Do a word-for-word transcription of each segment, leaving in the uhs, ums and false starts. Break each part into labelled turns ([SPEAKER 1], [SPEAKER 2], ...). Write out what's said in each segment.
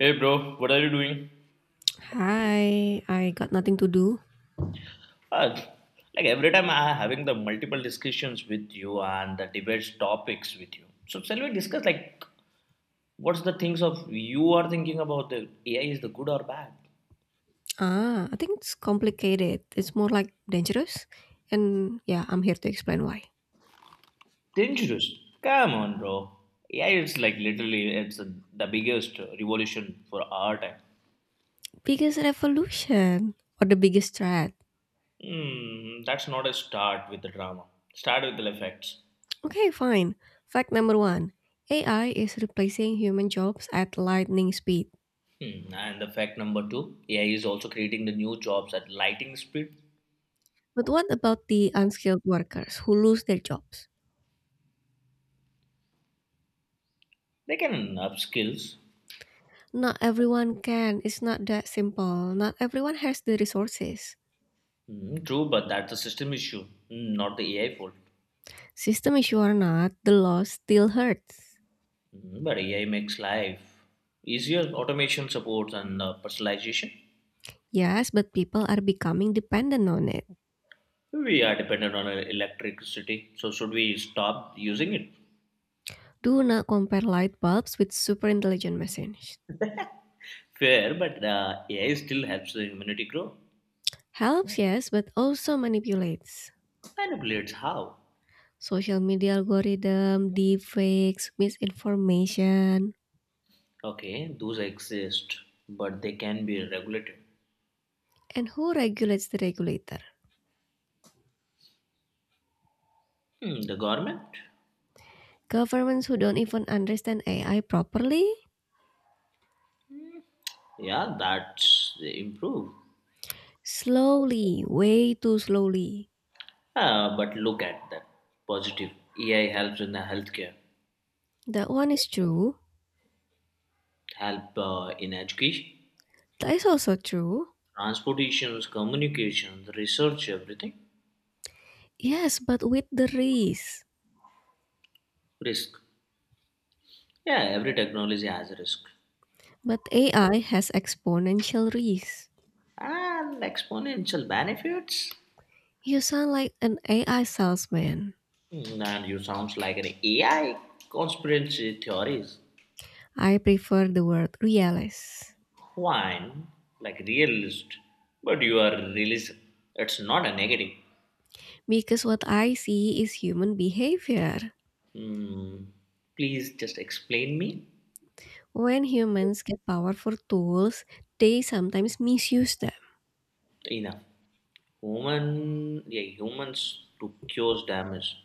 [SPEAKER 1] Hey bro, what are you doing?
[SPEAKER 2] Hi, I got nothing to do.
[SPEAKER 1] Uh, like every time I having the multiple discussions with you and the debates topics with you. So shall we discuss like what's the things of you are thinking about the A I is the good or bad?
[SPEAKER 2] Ah, I think it's complicated. It's more like dangerous. And yeah, I'm here to explain why.
[SPEAKER 1] Dangerous. Come on, bro. A I is like literally it's the biggest revolution for our time.
[SPEAKER 2] Biggest revolution or the biggest threat?
[SPEAKER 1] Hmm, that's not a start with the drama. Start with the facts.
[SPEAKER 2] Okay, fine. Fact number one A I is replacing human jobs at lightning speed.
[SPEAKER 1] Hmm, and the fact number two, A I is also creating the new jobs at lightning speed.
[SPEAKER 2] But what about the unskilled workers who lose their jobs?
[SPEAKER 1] They can up skills.
[SPEAKER 2] Not everyone can. It's not that simple. Not everyone has the resources.
[SPEAKER 1] Mm, true, but that's a system issue, mm, not the A I fault.
[SPEAKER 2] System issue or not, the loss still hurts.
[SPEAKER 1] Mm, but A I makes life easier, automation supports and uh, personalization.
[SPEAKER 2] Yes, but people are becoming dependent on it.
[SPEAKER 1] We are dependent on uh, electricity, so should we stop using it?
[SPEAKER 2] Do not compare light bulbs with super intelligent machines.
[SPEAKER 1] Fair, but uh, A I still helps the humanity grow.
[SPEAKER 2] Helps, yes, but also manipulates.
[SPEAKER 1] Manipulates how?
[SPEAKER 2] Social media algorithm, deepfakes, misinformation,
[SPEAKER 1] Okay, those exist, but they can be regulated.
[SPEAKER 2] and who regulates the regulator?
[SPEAKER 1] Hmm, the government?
[SPEAKER 2] Governments who don't even understand A I properly?
[SPEAKER 1] Yeah, that's improve.
[SPEAKER 2] Slowly, way too slowly.
[SPEAKER 1] Ah, but look at that positive. A I helps in the healthcare.
[SPEAKER 2] That one is true.
[SPEAKER 1] Help uh, in education,
[SPEAKER 2] That is also true.
[SPEAKER 1] transportations, communications, research, everything.
[SPEAKER 2] Yes, but with the risk.
[SPEAKER 1] Risk. Yeah, every technology has a risk.
[SPEAKER 2] But A I has exponential risk.
[SPEAKER 1] And exponential benefits.
[SPEAKER 2] You sound like an A I salesman.
[SPEAKER 1] Hmm, And you sounds like an A I conspiracy theories.
[SPEAKER 2] I prefer the word realist
[SPEAKER 1] Fine, like realist, but you are realist. It's not a negative.
[SPEAKER 2] because what I see is human behavior.
[SPEAKER 1] Hmm. Please just explain me.
[SPEAKER 2] When humans get powerful tools, they sometimes misuse them.
[SPEAKER 1] Enough. Human, yeah, humans to cause damage.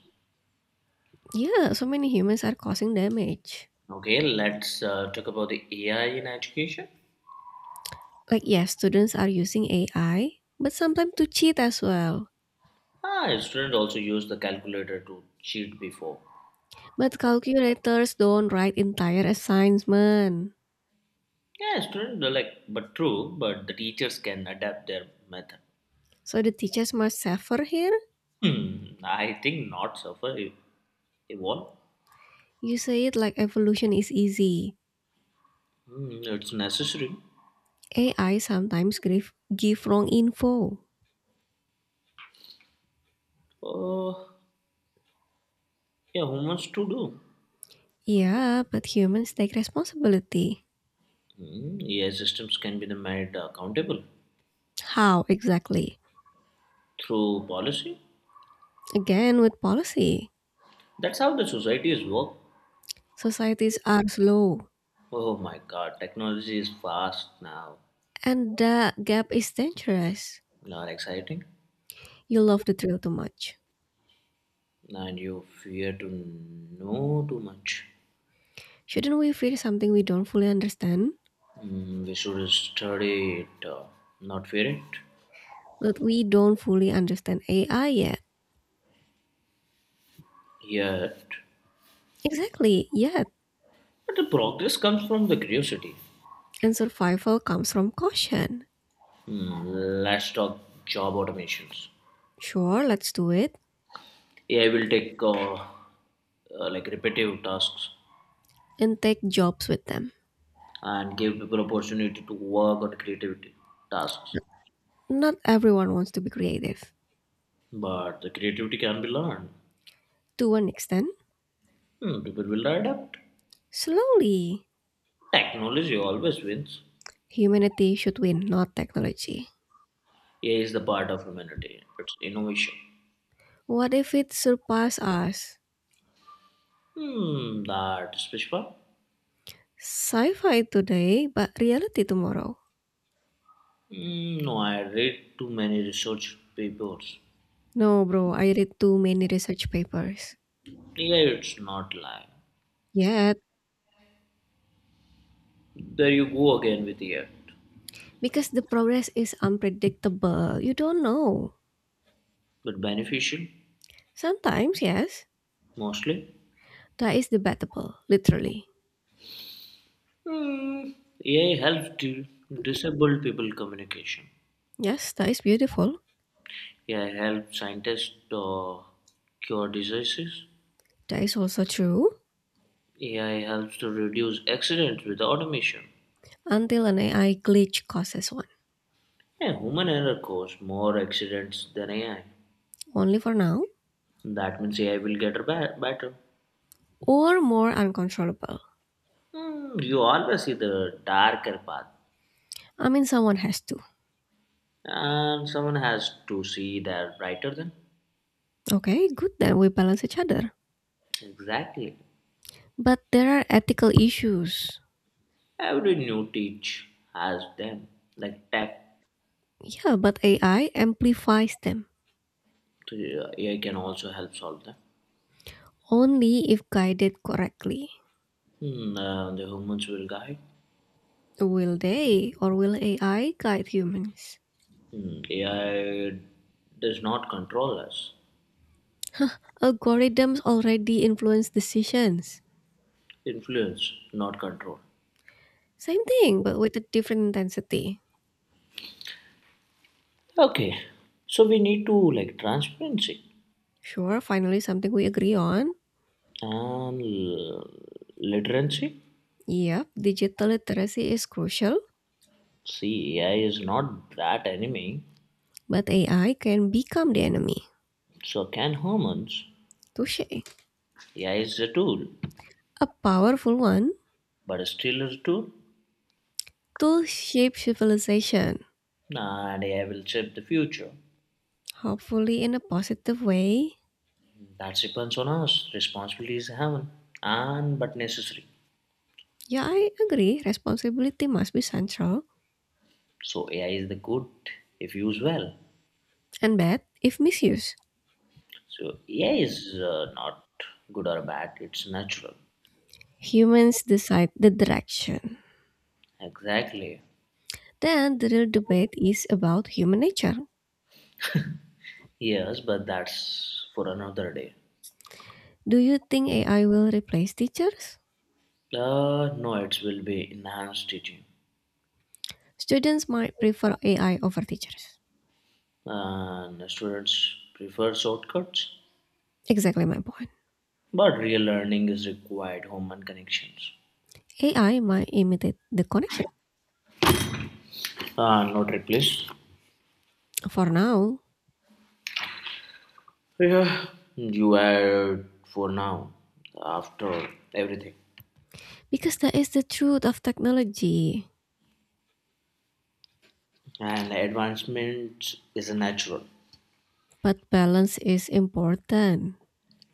[SPEAKER 2] Yeah, so many humans are causing damage.
[SPEAKER 1] Okay, let's uh, talk about the A I in education.
[SPEAKER 2] Like, yes, students are using A I, but sometimes to cheat as well.
[SPEAKER 1] Ah, students also use the calculator to cheat before.
[SPEAKER 2] But calculators don't write entire assignment.
[SPEAKER 1] Yeah, students are like, but true, but the teachers can adapt their method.
[SPEAKER 2] So the teachers must suffer here?
[SPEAKER 1] Hmm, I think not suffer e- evolve.
[SPEAKER 2] You say it like evolution is easy.
[SPEAKER 1] Hmm, it's necessary.
[SPEAKER 2] A I sometimes give, give wrong info.
[SPEAKER 1] Oh, yeah, humans to do.
[SPEAKER 2] Yeah, but humans take responsibility.
[SPEAKER 1] Hmm, A I systems can be the made accountable
[SPEAKER 2] How exactly?
[SPEAKER 1] through policy.
[SPEAKER 2] Again, with policy.
[SPEAKER 1] That's how the societies work.
[SPEAKER 2] Societies are slow,
[SPEAKER 1] Oh my God, technology is fast now.
[SPEAKER 2] and that gap is dangerous.
[SPEAKER 1] Not exciting.
[SPEAKER 2] You love the thrill too much.
[SPEAKER 1] And you fear to know too much.
[SPEAKER 2] Shouldn't we fear something we don't fully understand?
[SPEAKER 1] Mm, we should study it, uh, not fear it.
[SPEAKER 2] But we don't fully understand A I yet.
[SPEAKER 1] Yet,
[SPEAKER 2] Exactly, yet.
[SPEAKER 1] but the progress comes from the curiosity.
[SPEAKER 2] And survival comes from caution.
[SPEAKER 1] Mm, let's talk job automations.
[SPEAKER 2] Sure, let's do it
[SPEAKER 1] A I will take uh, uh, like repetitive tasks
[SPEAKER 2] and take jobs with them.
[SPEAKER 1] and give people opportunity to work on creativity tasks.
[SPEAKER 2] Not everyone wants to be creative
[SPEAKER 1] But the creativity can be learned.
[SPEAKER 2] to an extent.
[SPEAKER 1] Hmm, people will adapt.
[SPEAKER 2] Slowly,
[SPEAKER 1] Technology always wins.
[SPEAKER 2] humanity should win, not technology.
[SPEAKER 1] A I is the part of humanity. It's innovation.
[SPEAKER 2] What if it surpasses us?
[SPEAKER 1] Hmm, that's Pushpa.
[SPEAKER 2] Sci-fi today, but reality tomorrow.
[SPEAKER 1] Hmm, no, I read too many research papers.
[SPEAKER 2] No, bro, I read too many research papers.
[SPEAKER 1] Yeah, it's not lying.
[SPEAKER 2] Yet,
[SPEAKER 1] There you go again with the A I.
[SPEAKER 2] because the progress is unpredictable, you don't know.
[SPEAKER 1] But beneficial,
[SPEAKER 2] Sometimes, yes,
[SPEAKER 1] mostly.
[SPEAKER 2] that is debatable, literally.
[SPEAKER 1] Hmm, A I helps di- disabled people communication.
[SPEAKER 2] Yes, that is beautiful.
[SPEAKER 1] A I helps scientists uh, cure diseases.
[SPEAKER 2] That is also true
[SPEAKER 1] A I helps to reduce accidents with automation.
[SPEAKER 2] until an A I glitch causes one.
[SPEAKER 1] Yeah, human error causes more accidents than A I.
[SPEAKER 2] Only for now,
[SPEAKER 1] That means A I will get better.
[SPEAKER 2] or more uncontrollable.
[SPEAKER 1] Hmm, you always see the darker path,
[SPEAKER 2] I mean, someone has to.
[SPEAKER 1] and someone has to see that brighter than.
[SPEAKER 2] Okay, good then we balance each other.
[SPEAKER 1] Exactly.
[SPEAKER 2] But there are ethical issues.
[SPEAKER 1] Every new teach has them, like tech.
[SPEAKER 2] Yeah, but A I amplifies them
[SPEAKER 1] So, uh, A I can also help solve them.
[SPEAKER 2] only if guided correctly.
[SPEAKER 1] Hmm, uh, the humans will guide.
[SPEAKER 2] Will they or will A I guide humans?
[SPEAKER 1] Hmm, A I does not control us.
[SPEAKER 2] Huh, algorithms already influence decisions.
[SPEAKER 1] Influence, not control.
[SPEAKER 2] Same thing, but with a different intensity.
[SPEAKER 1] Okay, so we need to like transparency
[SPEAKER 2] Sure, finally, something we agree on.
[SPEAKER 1] and l- literacy.
[SPEAKER 2] Yep, digital literacy is crucial,
[SPEAKER 1] See, A I is not that enemy.
[SPEAKER 2] but A I can become the enemy.
[SPEAKER 1] So can hormones?
[SPEAKER 2] Touche.
[SPEAKER 1] A I is a tool,
[SPEAKER 2] A powerful one.
[SPEAKER 1] but still a tool.
[SPEAKER 2] Tools shape civilization.
[SPEAKER 1] And A I will shape the future.
[SPEAKER 2] Hopefully, in a positive way.
[SPEAKER 1] That depends on us. Responsibility is heaven, and but necessary.
[SPEAKER 2] Yeah, I agree. Responsibility must be central
[SPEAKER 1] So A I is the good if used well.
[SPEAKER 2] and bad if misused.
[SPEAKER 1] So A I is uh, not good or bad. It's natural.
[SPEAKER 2] Humans decide the direction.
[SPEAKER 1] Exactly.
[SPEAKER 2] Then the real debate is about human nature.
[SPEAKER 1] Yes, but that's for another day.
[SPEAKER 2] Do you think A I will replace teachers?
[SPEAKER 1] Uh, no, it will be enhanced teaching,
[SPEAKER 2] Students might prefer A I over teachers.
[SPEAKER 1] and students prefer shortcuts.
[SPEAKER 2] Exactly my point.
[SPEAKER 1] But real learning is required human connections.
[SPEAKER 2] A I might imitate the connection
[SPEAKER 1] Uh, not replaced.
[SPEAKER 2] for now
[SPEAKER 1] Yeah. You are for now, after everything.
[SPEAKER 2] because that is the truth of technology.
[SPEAKER 1] And advancement is a natural.
[SPEAKER 2] But balance is important.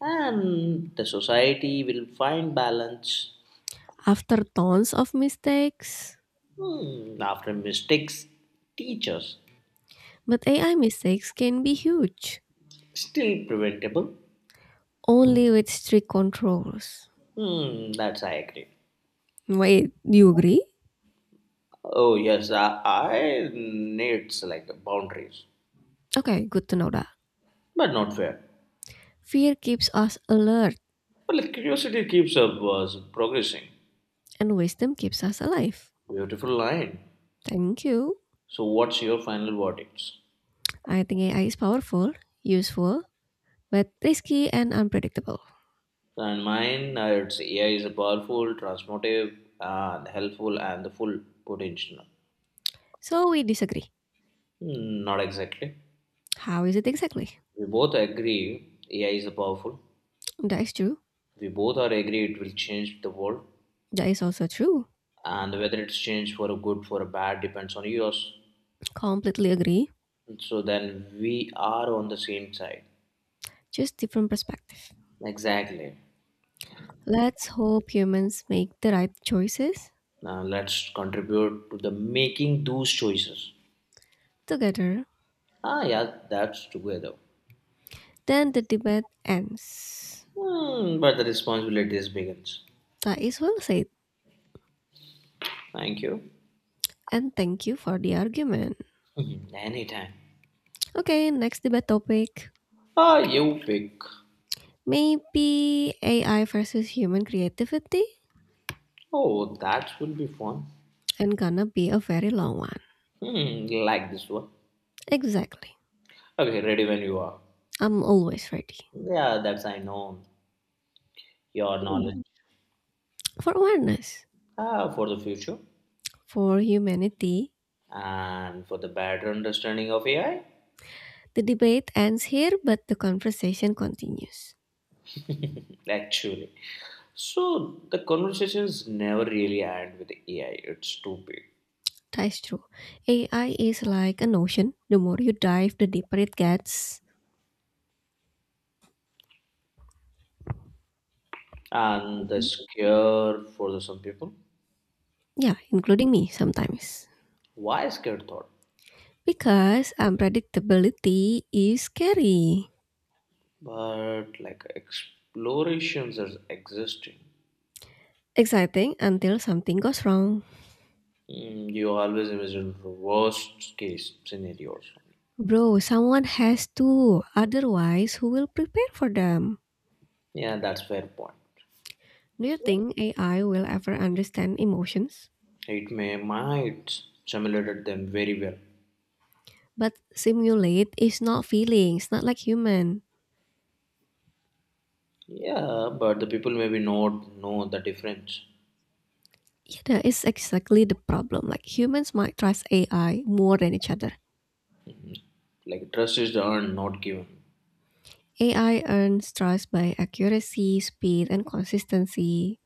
[SPEAKER 1] And the society will find balance.
[SPEAKER 2] After tons of mistakes,
[SPEAKER 1] Hmm, after mistakes, teachers
[SPEAKER 2] but A I mistakes can be huge,
[SPEAKER 1] still preventable.
[SPEAKER 2] only with strict controls.
[SPEAKER 1] Hmm, that's I agree.
[SPEAKER 2] Wait, do you agree?
[SPEAKER 1] Oh yes, I, I need like boundaries,
[SPEAKER 2] Okay, good to know that.
[SPEAKER 1] but not fair.
[SPEAKER 2] Fear keeps us alert,
[SPEAKER 1] But like curiosity keeps up was progressing.
[SPEAKER 2] and wisdom keeps us alive.
[SPEAKER 1] Beautiful line.
[SPEAKER 2] Thank you.
[SPEAKER 1] So, what's your final verdicts?
[SPEAKER 2] I think A I is powerful, useful, but risky and unpredictable.
[SPEAKER 1] And mine, uh, it's A I is a powerful, transformative, and helpful, and the full potential.
[SPEAKER 2] So we disagree.
[SPEAKER 1] Hmm, Not exactly.
[SPEAKER 2] How is it exactly?
[SPEAKER 1] We both agree A I is a powerful.
[SPEAKER 2] That is true.
[SPEAKER 1] We both are agree it will change the world,
[SPEAKER 2] That is also true.
[SPEAKER 1] and whether it's changed for a good for a bad depends on yours.
[SPEAKER 2] Completely agree.
[SPEAKER 1] So then we are on the same side.
[SPEAKER 2] Just different perspective.
[SPEAKER 1] Exactly.
[SPEAKER 2] Let's hope humans make the right choices
[SPEAKER 1] Now let's contribute to the making those choices.
[SPEAKER 2] together.
[SPEAKER 1] Ah, yeah, that's together.
[SPEAKER 2] Then the debate ends.
[SPEAKER 1] Hmm, but the responsibilities begins.
[SPEAKER 2] That is well said,
[SPEAKER 1] Thank you.
[SPEAKER 2] and thank you for the argument.
[SPEAKER 1] Mhm, anytime.
[SPEAKER 2] Okay, next debate topic.
[SPEAKER 1] Ah, you pick.
[SPEAKER 2] Maybe A I versus human creativity,
[SPEAKER 1] Oh, that will be fun.
[SPEAKER 2] and gonna be a very long one.
[SPEAKER 1] Hmm, like this one.
[SPEAKER 2] Exactly.
[SPEAKER 1] Okay, ready when you are.
[SPEAKER 2] I'm always ready.
[SPEAKER 1] Yeah, that's I know your
[SPEAKER 2] Hmm.
[SPEAKER 1] knowledge.
[SPEAKER 2] For awareness,
[SPEAKER 1] Ah, for the future
[SPEAKER 2] for humanity,
[SPEAKER 1] and for the better understanding of A I.
[SPEAKER 2] the debate ends here, but the conversation continues.
[SPEAKER 1] Actually, so the conversations never really end with A I. It's too big
[SPEAKER 2] That is true. A I is like an ocean. The more you dive, the deeper it gets.
[SPEAKER 1] and the scare for the, some people.
[SPEAKER 2] Yeah, including me sometimes.
[SPEAKER 1] Why scared thought?
[SPEAKER 2] Because unpredictability is scary.
[SPEAKER 1] But like explorations are existing.
[SPEAKER 2] Exciting until something goes wrong.
[SPEAKER 1] Mm, you always imagine the worst case scenarios.
[SPEAKER 2] Bro, someone has to. Otherwise, who will prepare for them?
[SPEAKER 1] Yeah, that's fair point.
[SPEAKER 2] Do you think A I will ever understand emotions?
[SPEAKER 1] It may might simulated them very well.
[SPEAKER 2] But simulate is not feelings, not like human.
[SPEAKER 1] Yeah, but the people maybe not know the difference.
[SPEAKER 2] Yeah, that is exactly the problem. Like humans might trust A I more than each other.
[SPEAKER 1] Like trust is earned, not given.
[SPEAKER 2] A I earns trust by accuracy, speed, and consistency.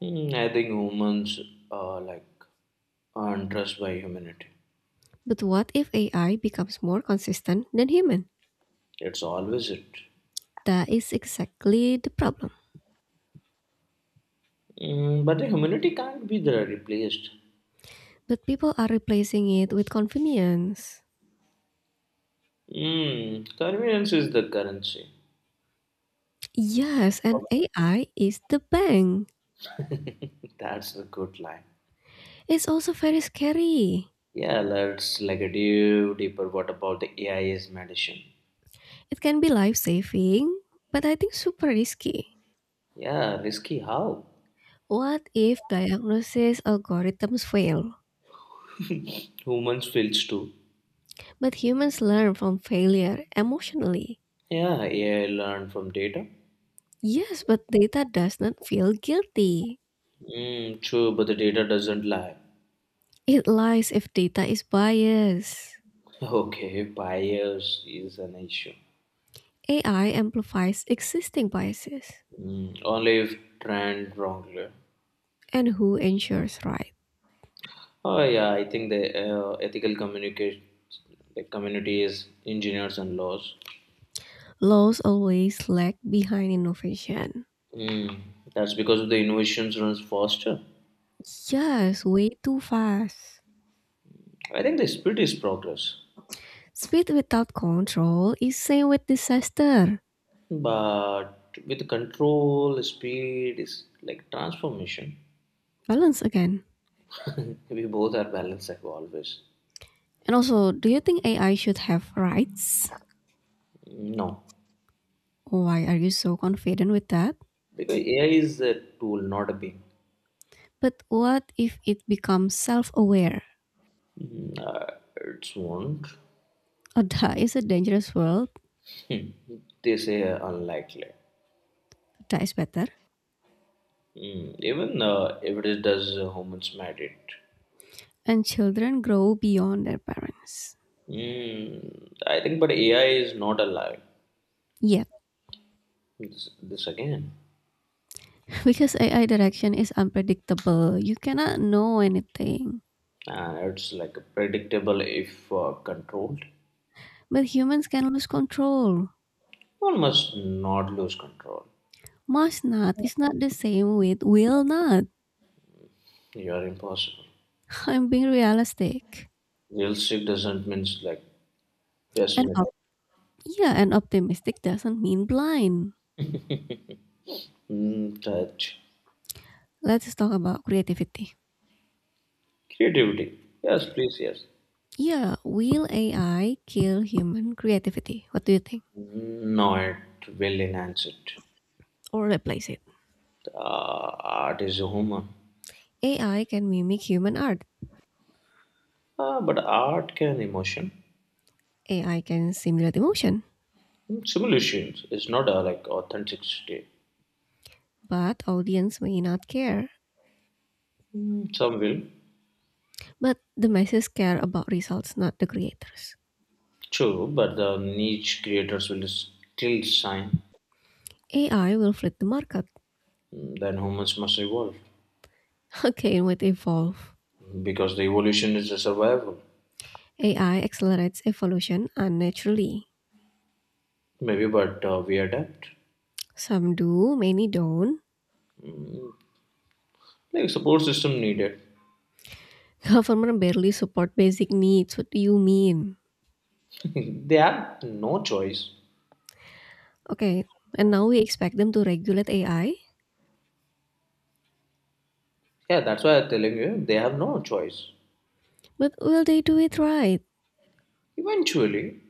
[SPEAKER 1] Hmm, I think humans are like earn trust by humanity.
[SPEAKER 2] But what if A I becomes more consistent than human?
[SPEAKER 1] It's always it.
[SPEAKER 2] That is exactly the problem.
[SPEAKER 1] Mm, but the humanity can't be there replaced.
[SPEAKER 2] But people are replacing it with convenience.
[SPEAKER 1] Mm, convenience is the currency.
[SPEAKER 2] Yes, and A I is the bank.
[SPEAKER 1] That's a good line.
[SPEAKER 2] It's also very scary.
[SPEAKER 1] Yeah, let's like do deeper. What about the A I is medicine?
[SPEAKER 2] It can be life saving, but I think super risky.
[SPEAKER 1] Yeah, risky how?
[SPEAKER 2] What if diagnosis algorithms fail?
[SPEAKER 1] Humans feels too.
[SPEAKER 2] But humans learn from failure emotionally.
[SPEAKER 1] Yeah, A I learn from data.
[SPEAKER 2] Yes, but data does not feel guilty.
[SPEAKER 1] Mm, true, but the data doesn't lie.
[SPEAKER 2] It lies if data is biased.
[SPEAKER 1] Okay, bias is an issue.
[SPEAKER 2] A I amplifies existing biases.
[SPEAKER 1] Mm, only if trained wrongly.
[SPEAKER 2] And who ensures right.
[SPEAKER 1] Oh yeah, I think the uh, ethical communicate the community is engineers and laws.
[SPEAKER 2] Laws always lag behind innovation.
[SPEAKER 1] Mm, that's because the innovations runs faster.
[SPEAKER 2] Yes, way too fast.
[SPEAKER 1] I think the speed is progress,
[SPEAKER 2] Speed without control is same with disaster.
[SPEAKER 1] but with control, speed is like transformation.
[SPEAKER 2] Balance again.
[SPEAKER 1] We both are balanced like always.
[SPEAKER 2] And also, do you think A I should have rights?
[SPEAKER 1] No,
[SPEAKER 2] Why are you so confident with that?
[SPEAKER 1] because A I is a tool, not a being.
[SPEAKER 2] But what if it becomes self-aware?
[SPEAKER 1] Mm, Uh, it's won't.
[SPEAKER 2] Oh, that is a dangerous world.
[SPEAKER 1] Hmm. They say unlikely.
[SPEAKER 2] That is better.
[SPEAKER 1] Mm, even uh, if it does, uh, humans made it.
[SPEAKER 2] And children grow beyond their parents.
[SPEAKER 1] Mm, I think, but A I is not alive.
[SPEAKER 2] Yet,
[SPEAKER 1] This, this again.
[SPEAKER 2] because A I direction is unpredictable, you cannot know anything.
[SPEAKER 1] And it's like predictable if uh, controlled.
[SPEAKER 2] But humans can lose control.
[SPEAKER 1] One must not lose control.
[SPEAKER 2] Must not is not the same with will not.
[SPEAKER 1] You are impossible.
[SPEAKER 2] I'm being realistic.
[SPEAKER 1] Realistic doesn't mean like
[SPEAKER 2] And
[SPEAKER 1] pessimism.
[SPEAKER 2] op- yeah, and optimistic doesn't mean blind.
[SPEAKER 1] Mm, touch.
[SPEAKER 2] Let's talk about creativity.
[SPEAKER 1] Creativity. Yes, please, yes.
[SPEAKER 2] Yeah, will A I kill human creativity? What do you think?
[SPEAKER 1] No, it will enhance it.
[SPEAKER 2] Or replace it?
[SPEAKER 1] Uh, Art is human.
[SPEAKER 2] A I can mimic human art.
[SPEAKER 1] Uh, but art can emotion.
[SPEAKER 2] A I can simulate emotion,
[SPEAKER 1] Mm, Simulations is not a like authenticity.
[SPEAKER 2] but audience may not care.
[SPEAKER 1] Mm, Some will,
[SPEAKER 2] But the masses care about results, not the creators.
[SPEAKER 1] true, but the niche creators will still shine.
[SPEAKER 2] A I will flood the market.
[SPEAKER 1] Mm, Then humans must evolve.
[SPEAKER 2] Okay, it might evolve,
[SPEAKER 1] Because the evolution is a survival,
[SPEAKER 2] A I accelerates evolution unnaturally.
[SPEAKER 1] maybe but uh, we adapt,
[SPEAKER 2] Some do, many don't.
[SPEAKER 1] like support system needed.
[SPEAKER 2] Government barely support basic needs. What do you mean?
[SPEAKER 1] They have no choice.
[SPEAKER 2] Okay, and now we expect them to regulate A I,
[SPEAKER 1] Yeah, that's why I'm telling you they have no choice
[SPEAKER 2] but will they do it right?
[SPEAKER 1] eventually.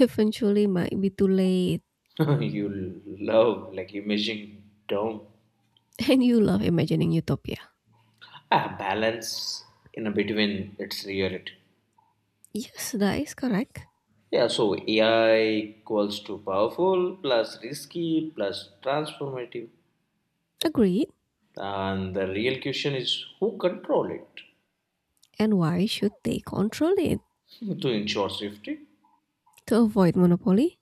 [SPEAKER 2] Eventually might be too late.
[SPEAKER 1] You love like imaging down,
[SPEAKER 2] And you love imagining utopia.
[SPEAKER 1] a balance in a between its reality.
[SPEAKER 2] Yes, that is correct.
[SPEAKER 1] Yeah, so AI equals to powerful plus risky plus transformative,
[SPEAKER 2] Agreed.
[SPEAKER 1] and the real question is who control it.
[SPEAKER 2] And why should they control it?
[SPEAKER 1] To ensure safety,
[SPEAKER 2] To avoid monopoly?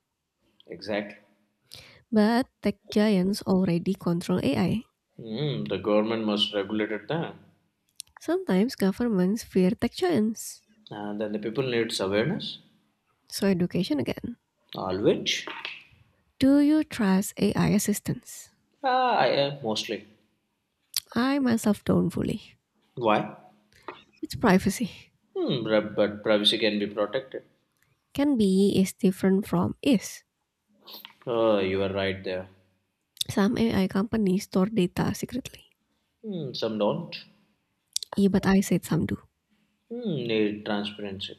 [SPEAKER 1] exactly.
[SPEAKER 2] But tech giants already control A I.
[SPEAKER 1] Mm, the government must regulate it then.
[SPEAKER 2] Sometimes governments fear tech giants.
[SPEAKER 1] And then the people needs awareness.
[SPEAKER 2] So education again.
[SPEAKER 1] All which?
[SPEAKER 2] Do you trust A I assistants?
[SPEAKER 1] Ah, I am mostly.
[SPEAKER 2] I myself don't fully.
[SPEAKER 1] Why?
[SPEAKER 2] It's privacy.
[SPEAKER 1] Hmm, but but privacy can be protected.
[SPEAKER 2] Can be is different from is.
[SPEAKER 1] Oh, you are right there.
[SPEAKER 2] Some A I companies store data secretly.
[SPEAKER 1] Hmm, some don't.
[SPEAKER 2] Yeah, but I said some do.
[SPEAKER 1] Hmm, need transparency.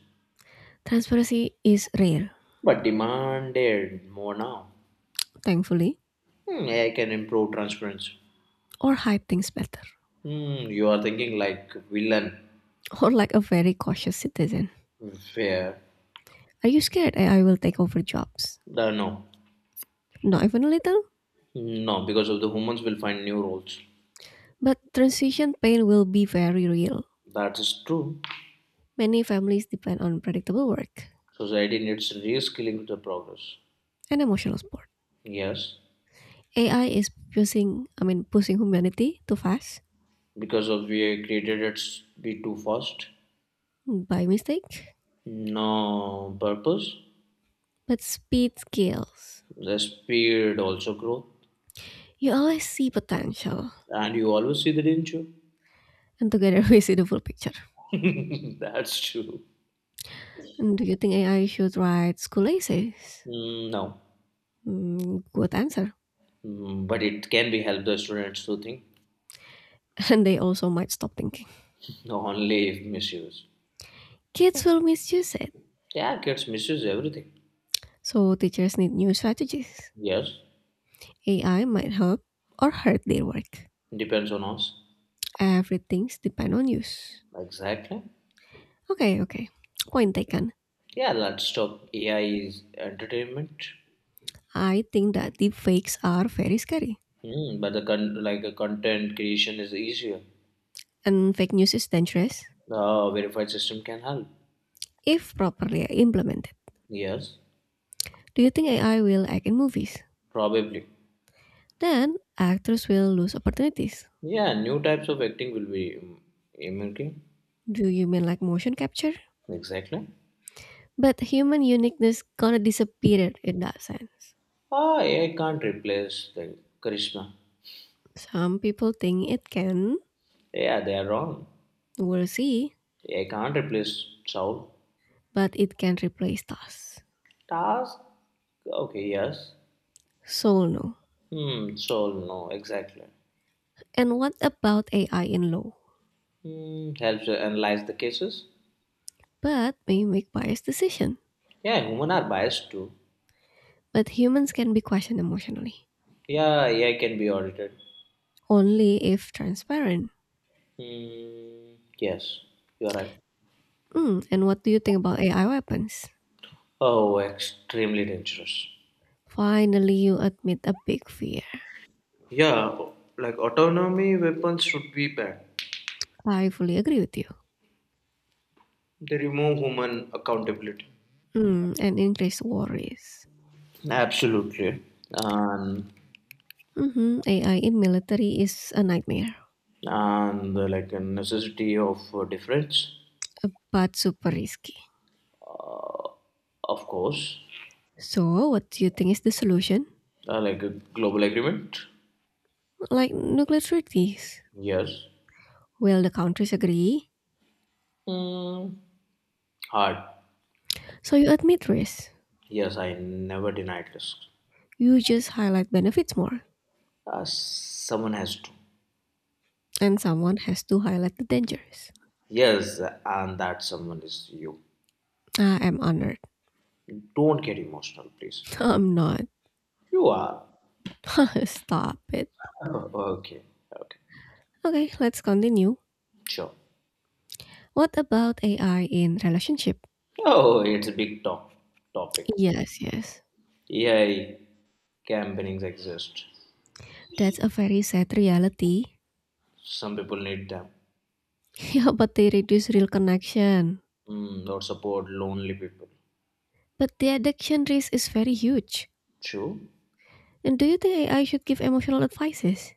[SPEAKER 2] Transparency is rare,
[SPEAKER 1] But demanded more now.
[SPEAKER 2] thankfully,
[SPEAKER 1] Hmm, A I can improve transparency.
[SPEAKER 2] or hide things better.
[SPEAKER 1] Hmm, you are thinking like villain.
[SPEAKER 2] Or like a very cautious citizen.
[SPEAKER 1] Fair.
[SPEAKER 2] Are you scared A I will take over jobs?
[SPEAKER 1] Uh, no.
[SPEAKER 2] Not even a little,
[SPEAKER 1] No, because of the humans will find new roles.
[SPEAKER 2] but transition pain will be very real.
[SPEAKER 1] That is true.
[SPEAKER 2] Many families depend on predictable work.
[SPEAKER 1] Society needs reskilling the progress.
[SPEAKER 2] And emotional support.
[SPEAKER 1] Yes,
[SPEAKER 2] A I is pushing, I mean, pushing humanity too fast
[SPEAKER 1] because of we created it be too fast.
[SPEAKER 2] by mistake,
[SPEAKER 1] No purpose.
[SPEAKER 2] but speed kills.
[SPEAKER 1] The speed also grow,
[SPEAKER 2] You always see potential,
[SPEAKER 1] and you always see that, didn't
[SPEAKER 2] and together we see the full picture.
[SPEAKER 1] you? That's true.
[SPEAKER 2] And do you think A I should write school essays?
[SPEAKER 1] Mm, no,
[SPEAKER 2] Mm, good answer.
[SPEAKER 1] Mm, but it can be help the students to think.
[SPEAKER 2] And they also might stop thinking.
[SPEAKER 1] No, only if misuse.
[SPEAKER 2] Kids will misuse it,
[SPEAKER 1] Yeah, kids misuse everything.
[SPEAKER 2] so teachers need new strategies.
[SPEAKER 1] Yes,
[SPEAKER 2] A I might help or hurt their work.
[SPEAKER 1] depends on us.
[SPEAKER 2] Everything's depend on use.
[SPEAKER 1] Exactly.
[SPEAKER 2] Okay, okay. Point taken.
[SPEAKER 1] Yeah, let's stop A I's entertainment.
[SPEAKER 2] I think that deep fakes are very scary
[SPEAKER 1] Hmm, but the con- like the content creation is easier.
[SPEAKER 2] and fake news is dangerous
[SPEAKER 1] The uh, verified system can help.
[SPEAKER 2] if properly implemented.
[SPEAKER 1] Yes,
[SPEAKER 2] Do you think A I will act in movies?
[SPEAKER 1] probably.
[SPEAKER 2] Then actors will lose opportunities.
[SPEAKER 1] Yeah, new types of acting will be um, emerging.
[SPEAKER 2] Do you mean like motion capture?
[SPEAKER 1] Exactly.
[SPEAKER 2] But human uniqueness gonna disappear in that sense.
[SPEAKER 1] Ah, A I can't replace the charisma.
[SPEAKER 2] Some people think it can,
[SPEAKER 1] Yeah, they are wrong.
[SPEAKER 2] we'll see,
[SPEAKER 1] A I can't replace soul.
[SPEAKER 2] but it can replace tasks.
[SPEAKER 1] Task. Okay. Yes.
[SPEAKER 2] So no.
[SPEAKER 1] Hmm. Soul. No. Exactly.
[SPEAKER 2] And what about A I in law?
[SPEAKER 1] Hmm. Helps analyze the cases.
[SPEAKER 2] But may make biased decision.
[SPEAKER 1] Yeah, human are biased too.
[SPEAKER 2] But humans can be questioned emotionally.
[SPEAKER 1] Yeah, A I can be audited.
[SPEAKER 2] Only if transparent.
[SPEAKER 1] Mm, yes, you are right.
[SPEAKER 2] Mm, and what do you think about A I weapons?
[SPEAKER 1] Oh, extremely dangerous.
[SPEAKER 2] Finally, you admit a big fear.
[SPEAKER 1] Yeah, like autonomy weapons should be banned.
[SPEAKER 2] I fully agree with you.
[SPEAKER 1] They remove human accountability.
[SPEAKER 2] Mm, and increased worries.
[SPEAKER 1] Absolutely, and
[SPEAKER 2] Mhm, A I in military is a nightmare,
[SPEAKER 1] and the, like a necessity of uh, difference,
[SPEAKER 2] but super risky.
[SPEAKER 1] of course,
[SPEAKER 2] So, what do you think is the solution?
[SPEAKER 1] uh, like a global agreement.
[SPEAKER 2] Like nuclear treaties.
[SPEAKER 1] Yes,
[SPEAKER 2] Will the countries agree?
[SPEAKER 1] mm, hard.
[SPEAKER 2] So, you admit risk.
[SPEAKER 1] Yes, I never denied risks.
[SPEAKER 2] You just highlight benefits more.
[SPEAKER 1] Uh, someone has to.
[SPEAKER 2] And someone has to highlight the dangers.
[SPEAKER 1] Yes, and that someone is you.
[SPEAKER 2] I am honored.
[SPEAKER 1] Don't get emotional, please.
[SPEAKER 2] I'm not.
[SPEAKER 1] You are.
[SPEAKER 2] Stop it.
[SPEAKER 1] Oh, okay. Okay.
[SPEAKER 2] Okay, let's continue.
[SPEAKER 1] Sure.
[SPEAKER 2] What about A I in relationship?
[SPEAKER 1] Oh, it's a big top topic.
[SPEAKER 2] Yes, yes.
[SPEAKER 1] A I campaignings exist.
[SPEAKER 2] That's a very sad reality.
[SPEAKER 1] Some people need them.
[SPEAKER 2] Yeah, but they reduce real connection.
[SPEAKER 1] Mm, or support lonely people.
[SPEAKER 2] But the addiction risk is very huge.
[SPEAKER 1] True.
[SPEAKER 2] And do you think A I should give emotional advices?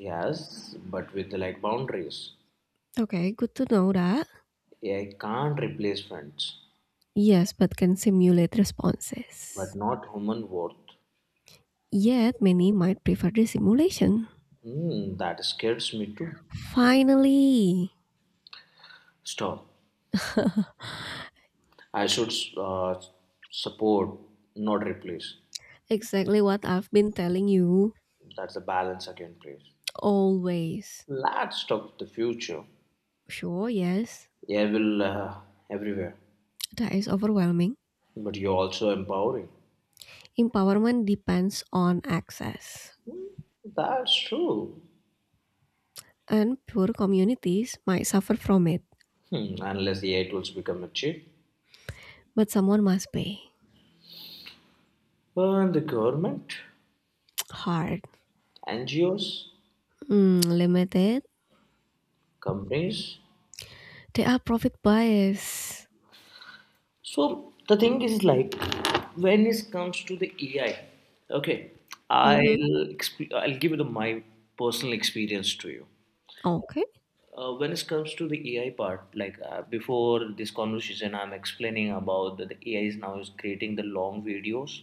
[SPEAKER 1] Yes, but with like boundaries.
[SPEAKER 2] Okay, good to know that.
[SPEAKER 1] A I can't replace friends,
[SPEAKER 2] Yes, but can simulate responses.
[SPEAKER 1] but not human worth.
[SPEAKER 2] Yet many might prefer the simulation.
[SPEAKER 1] Mm, that scares me too.
[SPEAKER 2] Finally!
[SPEAKER 1] Stop. I should uh, support, not replace.
[SPEAKER 2] Exactly what I've been telling you.
[SPEAKER 1] That's the balance again, please.
[SPEAKER 2] Always.
[SPEAKER 1] Let's talk the future.
[SPEAKER 2] Sure, yes.
[SPEAKER 1] Evil uh, everywhere,
[SPEAKER 2] That is overwhelming.
[SPEAKER 1] but you're also empowering.
[SPEAKER 2] Empowerment depends on access,
[SPEAKER 1] That's true.
[SPEAKER 2] and poor communities might suffer from it,
[SPEAKER 1] Hmm, unless the A I tools become a cheat.
[SPEAKER 2] but someone must pay.
[SPEAKER 1] And the government,
[SPEAKER 2] Hard.
[SPEAKER 1] N G Os,
[SPEAKER 2] Mm, limited.
[SPEAKER 1] companies.
[SPEAKER 2] They are profit bias.
[SPEAKER 1] So the thing is like when it comes to the A I, okay,
[SPEAKER 2] Mm-hmm.
[SPEAKER 1] I'll exp- I'll give you the, my personal experience to you.
[SPEAKER 2] Okay.
[SPEAKER 1] Uh, when it comes to the A I part, like uh, before this conversation, I'm explaining about that the A I is now is creating the long videos.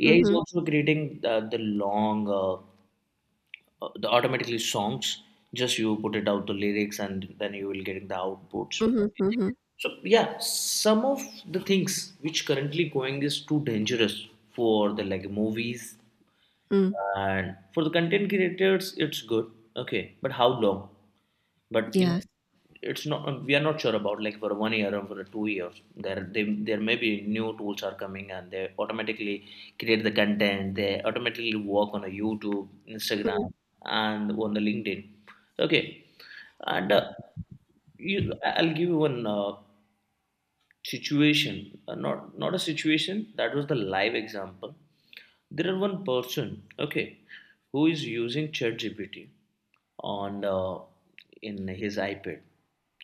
[SPEAKER 1] A I is
[SPEAKER 2] Mm-hmm.
[SPEAKER 1] also creating uh, the long, uh, uh, the automatically songs. Just you put it out the lyrics, and then you will getting the outputs.
[SPEAKER 2] Mm-hmm. Mm-hmm.
[SPEAKER 1] So yeah, some of the things which currently going is too dangerous for the like movies
[SPEAKER 2] Mm.
[SPEAKER 1] and for the content creators, it's good. Okay, but how long? But in
[SPEAKER 2] Yes.
[SPEAKER 1] it's not we are not sure about like for one year or for two years. There they, there may be new tools are coming and they automatically create the content. They automatically work on a YouTube,
[SPEAKER 2] Mm-hmm.
[SPEAKER 1] Instagram, and on the LinkedIn. Okay, and uh, you, I- will give you one uh, situation, uh, not not a situation, that was the live example. There are one person, okay, who is using ChatGPT on uh, in his iPad.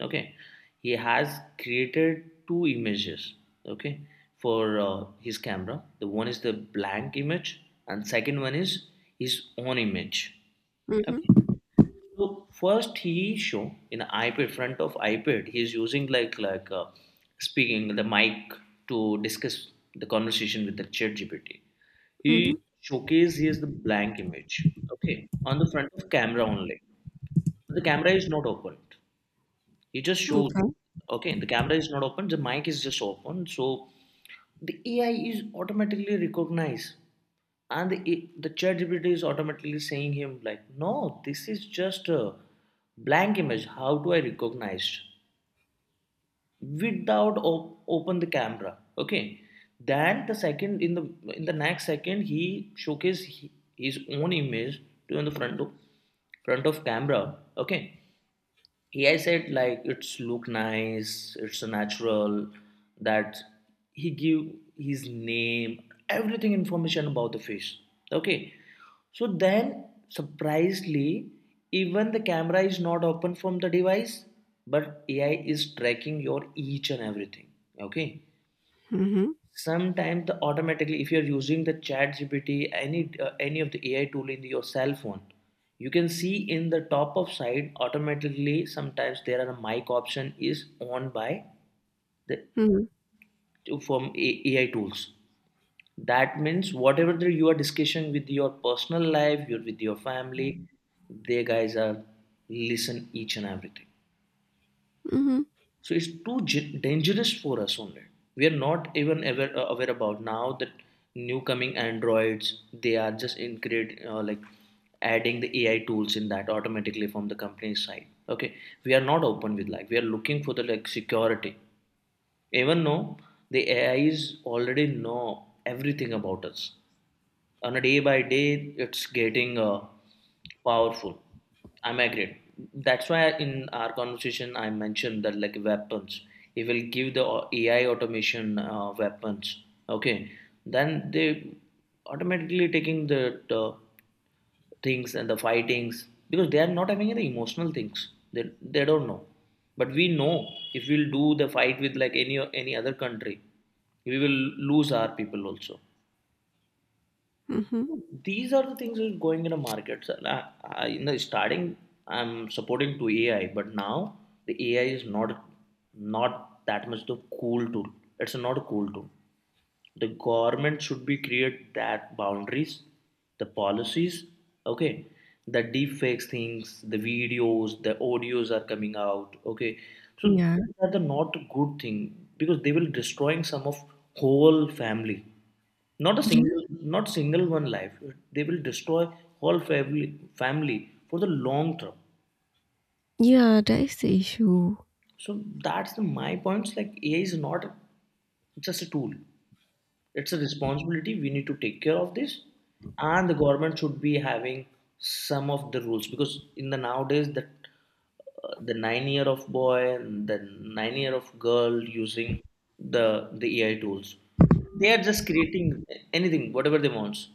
[SPEAKER 1] Okay, he has created two images, okay, for uh, his camera. The one is the blank image and second one is his own image, okay.
[SPEAKER 2] Mm-hmm.
[SPEAKER 1] So first he show in iPad, front of iPad, he is using like like uh, speaking the mic to discuss the conversation with the chat G P T.
[SPEAKER 2] Mm-hmm.
[SPEAKER 1] He showcase he has the blank image, okay, on the front of camera only. The camera is not opened. He just shows,
[SPEAKER 2] Okay.
[SPEAKER 1] okay, the camera is not open, the mic is just open. So the A I is automatically recognized and the, the chat gpt is automatically saying him like, no, this is just a blank image, how do I recognize without op- open the camera? Okay, then the second, in the in the next second, he showcased his own image to in the front of front of camera. Okay, A I said like it's look nice, it's natural, that he give his name, everything information about the fish. Okay. So then surprisingly, even the camera is not open from the device, but A I is tracking your each and everything. Okay,
[SPEAKER 2] Mm-hmm.
[SPEAKER 1] sometimes the automatically, if you're using the chat gpt, any uh, any of the ai tool in your cell phone, you can see in the top of side automatically sometimes there are a mic option is on by the
[SPEAKER 2] Mm-hmm.
[SPEAKER 1] from ai tools. That means whatever the, you are discussing with your personal life, you are with your family, they guys are listen each and everything.
[SPEAKER 2] Mm-hmm.
[SPEAKER 1] So it's too dangerous for us. Only we are not even aware, uh, aware about now that new coming androids, they are just in create uh, like adding the ai tools in that automatically from the company's side. Okay, we are not open with like we are looking for the like security, even though the ai is already know everything about us. On a day by day it's getting uh, powerful. I'm agreed, that's why in our conversation I mentioned that like weapons, it will give the au- ai automation uh, weapons. Okay, then they automatically taking the, the things and the fightings, because they are not having any emotional things. They, they don't know, but we know. If we'll do the fight with like any any other country, we will lose our people also.
[SPEAKER 2] Mm-hmm.
[SPEAKER 1] These are the things that are going in the markets. And I, I, in the starting, I'm supporting to A I, but now the A I is not not that much the cool tool. It's not a cool tool. The government should be create that boundaries, the policies. Okay, the deep fakes things, the videos, the audios are coming out. Okay, so
[SPEAKER 2] Yeah.
[SPEAKER 1] these are the not good thing, because they will destroying some of whole family. Not a
[SPEAKER 2] Yeah.
[SPEAKER 1] single, not single one life. They will destroy whole family family for the long term.
[SPEAKER 2] Yeah, that is the issue.
[SPEAKER 1] So that's the, my points. Like A I is not just a tool. It's a responsibility. We need to take care of this, and the government should be having some of the rules, because in the nowadays that uh, the nine year of boy and the nine year of girl using the the A I tools. They are just creating anything, whatever they want.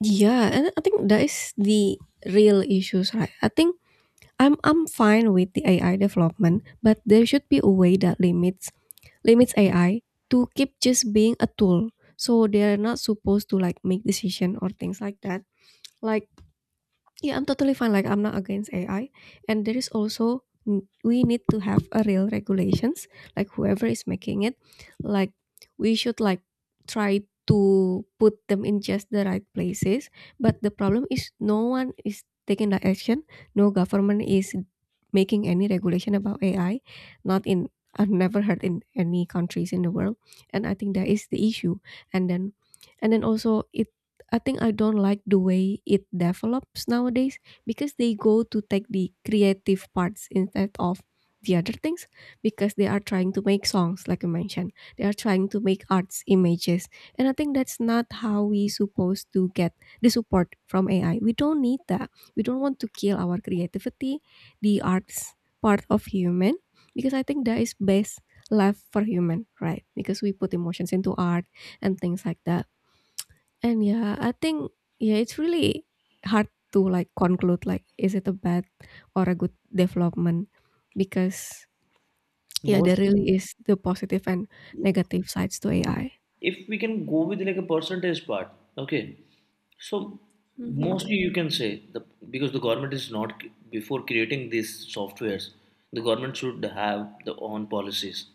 [SPEAKER 2] Yeah, and I think that is the real issues, right? I think I'm I'm fine with the A I development, but there should be a way that limits limits A I to keep just being a tool. So they are not supposed to like make decision or things like that. Like yeah, I'm totally fine. Like I'm not against A I, and there is also we need to have a real regulations. Like whoever is making it, like we should like try to put them in just the right places. But the problem is no one is taking the action. No government is making any regulation about A I. Not in I've never heard in any countries in the world, and I think that is the issue. And then, and then also it I think I don't like the way it develops nowadays because they go to take the creative parts instead of the other things because they are trying to make songs like I mentioned. They are trying to make arts images. And I think that's not how we supposed to get the support from A I. We don't need that. We don't want to kill our creativity, the arts part of human because I think that is best left for human, right? Because we put emotions into art and things like that and yeah, I think yeah, it's really hard to like conclude like is it a bad or a good development because yeah, there
[SPEAKER 1] Mostly,
[SPEAKER 2] really is the positive and negative sides to A I.
[SPEAKER 1] if we can go with like a percentage part, okay, so
[SPEAKER 2] Mhm.
[SPEAKER 1] mostly you can say the, because the government is not, before creating these softwares, the government should have the own policies,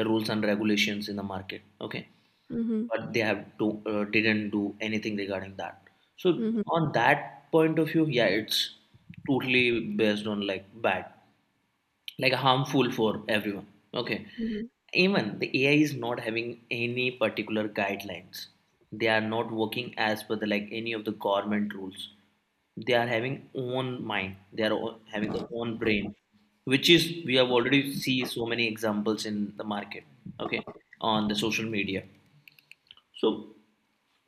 [SPEAKER 1] the rules and regulations in the market. Okay,
[SPEAKER 2] Mhm.
[SPEAKER 1] but they have to uh, didn't do anything regarding that. So
[SPEAKER 2] Mhm.
[SPEAKER 1] on that point of view, yeah, it's totally based on like bad, like harmful for everyone, okay.
[SPEAKER 2] Mhm.
[SPEAKER 1] Even the A I is not having any particular guidelines. They are not working as per the like any of the government rules. They are having own mind. They are o- having their own brain, which is we have already see so many examples in the market. Okay, on the social media. So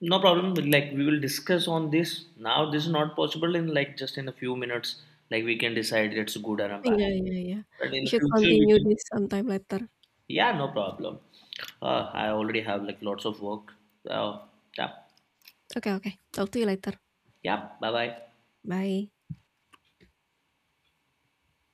[SPEAKER 1] no problem. Like we will discuss on this now. This is not possible in like just in a few minutes. Like we can decide it's good or a bad.
[SPEAKER 2] Yeah, yeah, yeah.
[SPEAKER 1] But in
[SPEAKER 2] We
[SPEAKER 1] the
[SPEAKER 2] should
[SPEAKER 1] future we
[SPEAKER 2] continue
[SPEAKER 1] can.
[SPEAKER 2] this sometime later.
[SPEAKER 1] Yeah, no problem. Uh, I already have like lots of work. Uh, yeah,
[SPEAKER 2] Okay, okay. Talk to you later.
[SPEAKER 1] yeah. Bye bye.
[SPEAKER 2] Bye.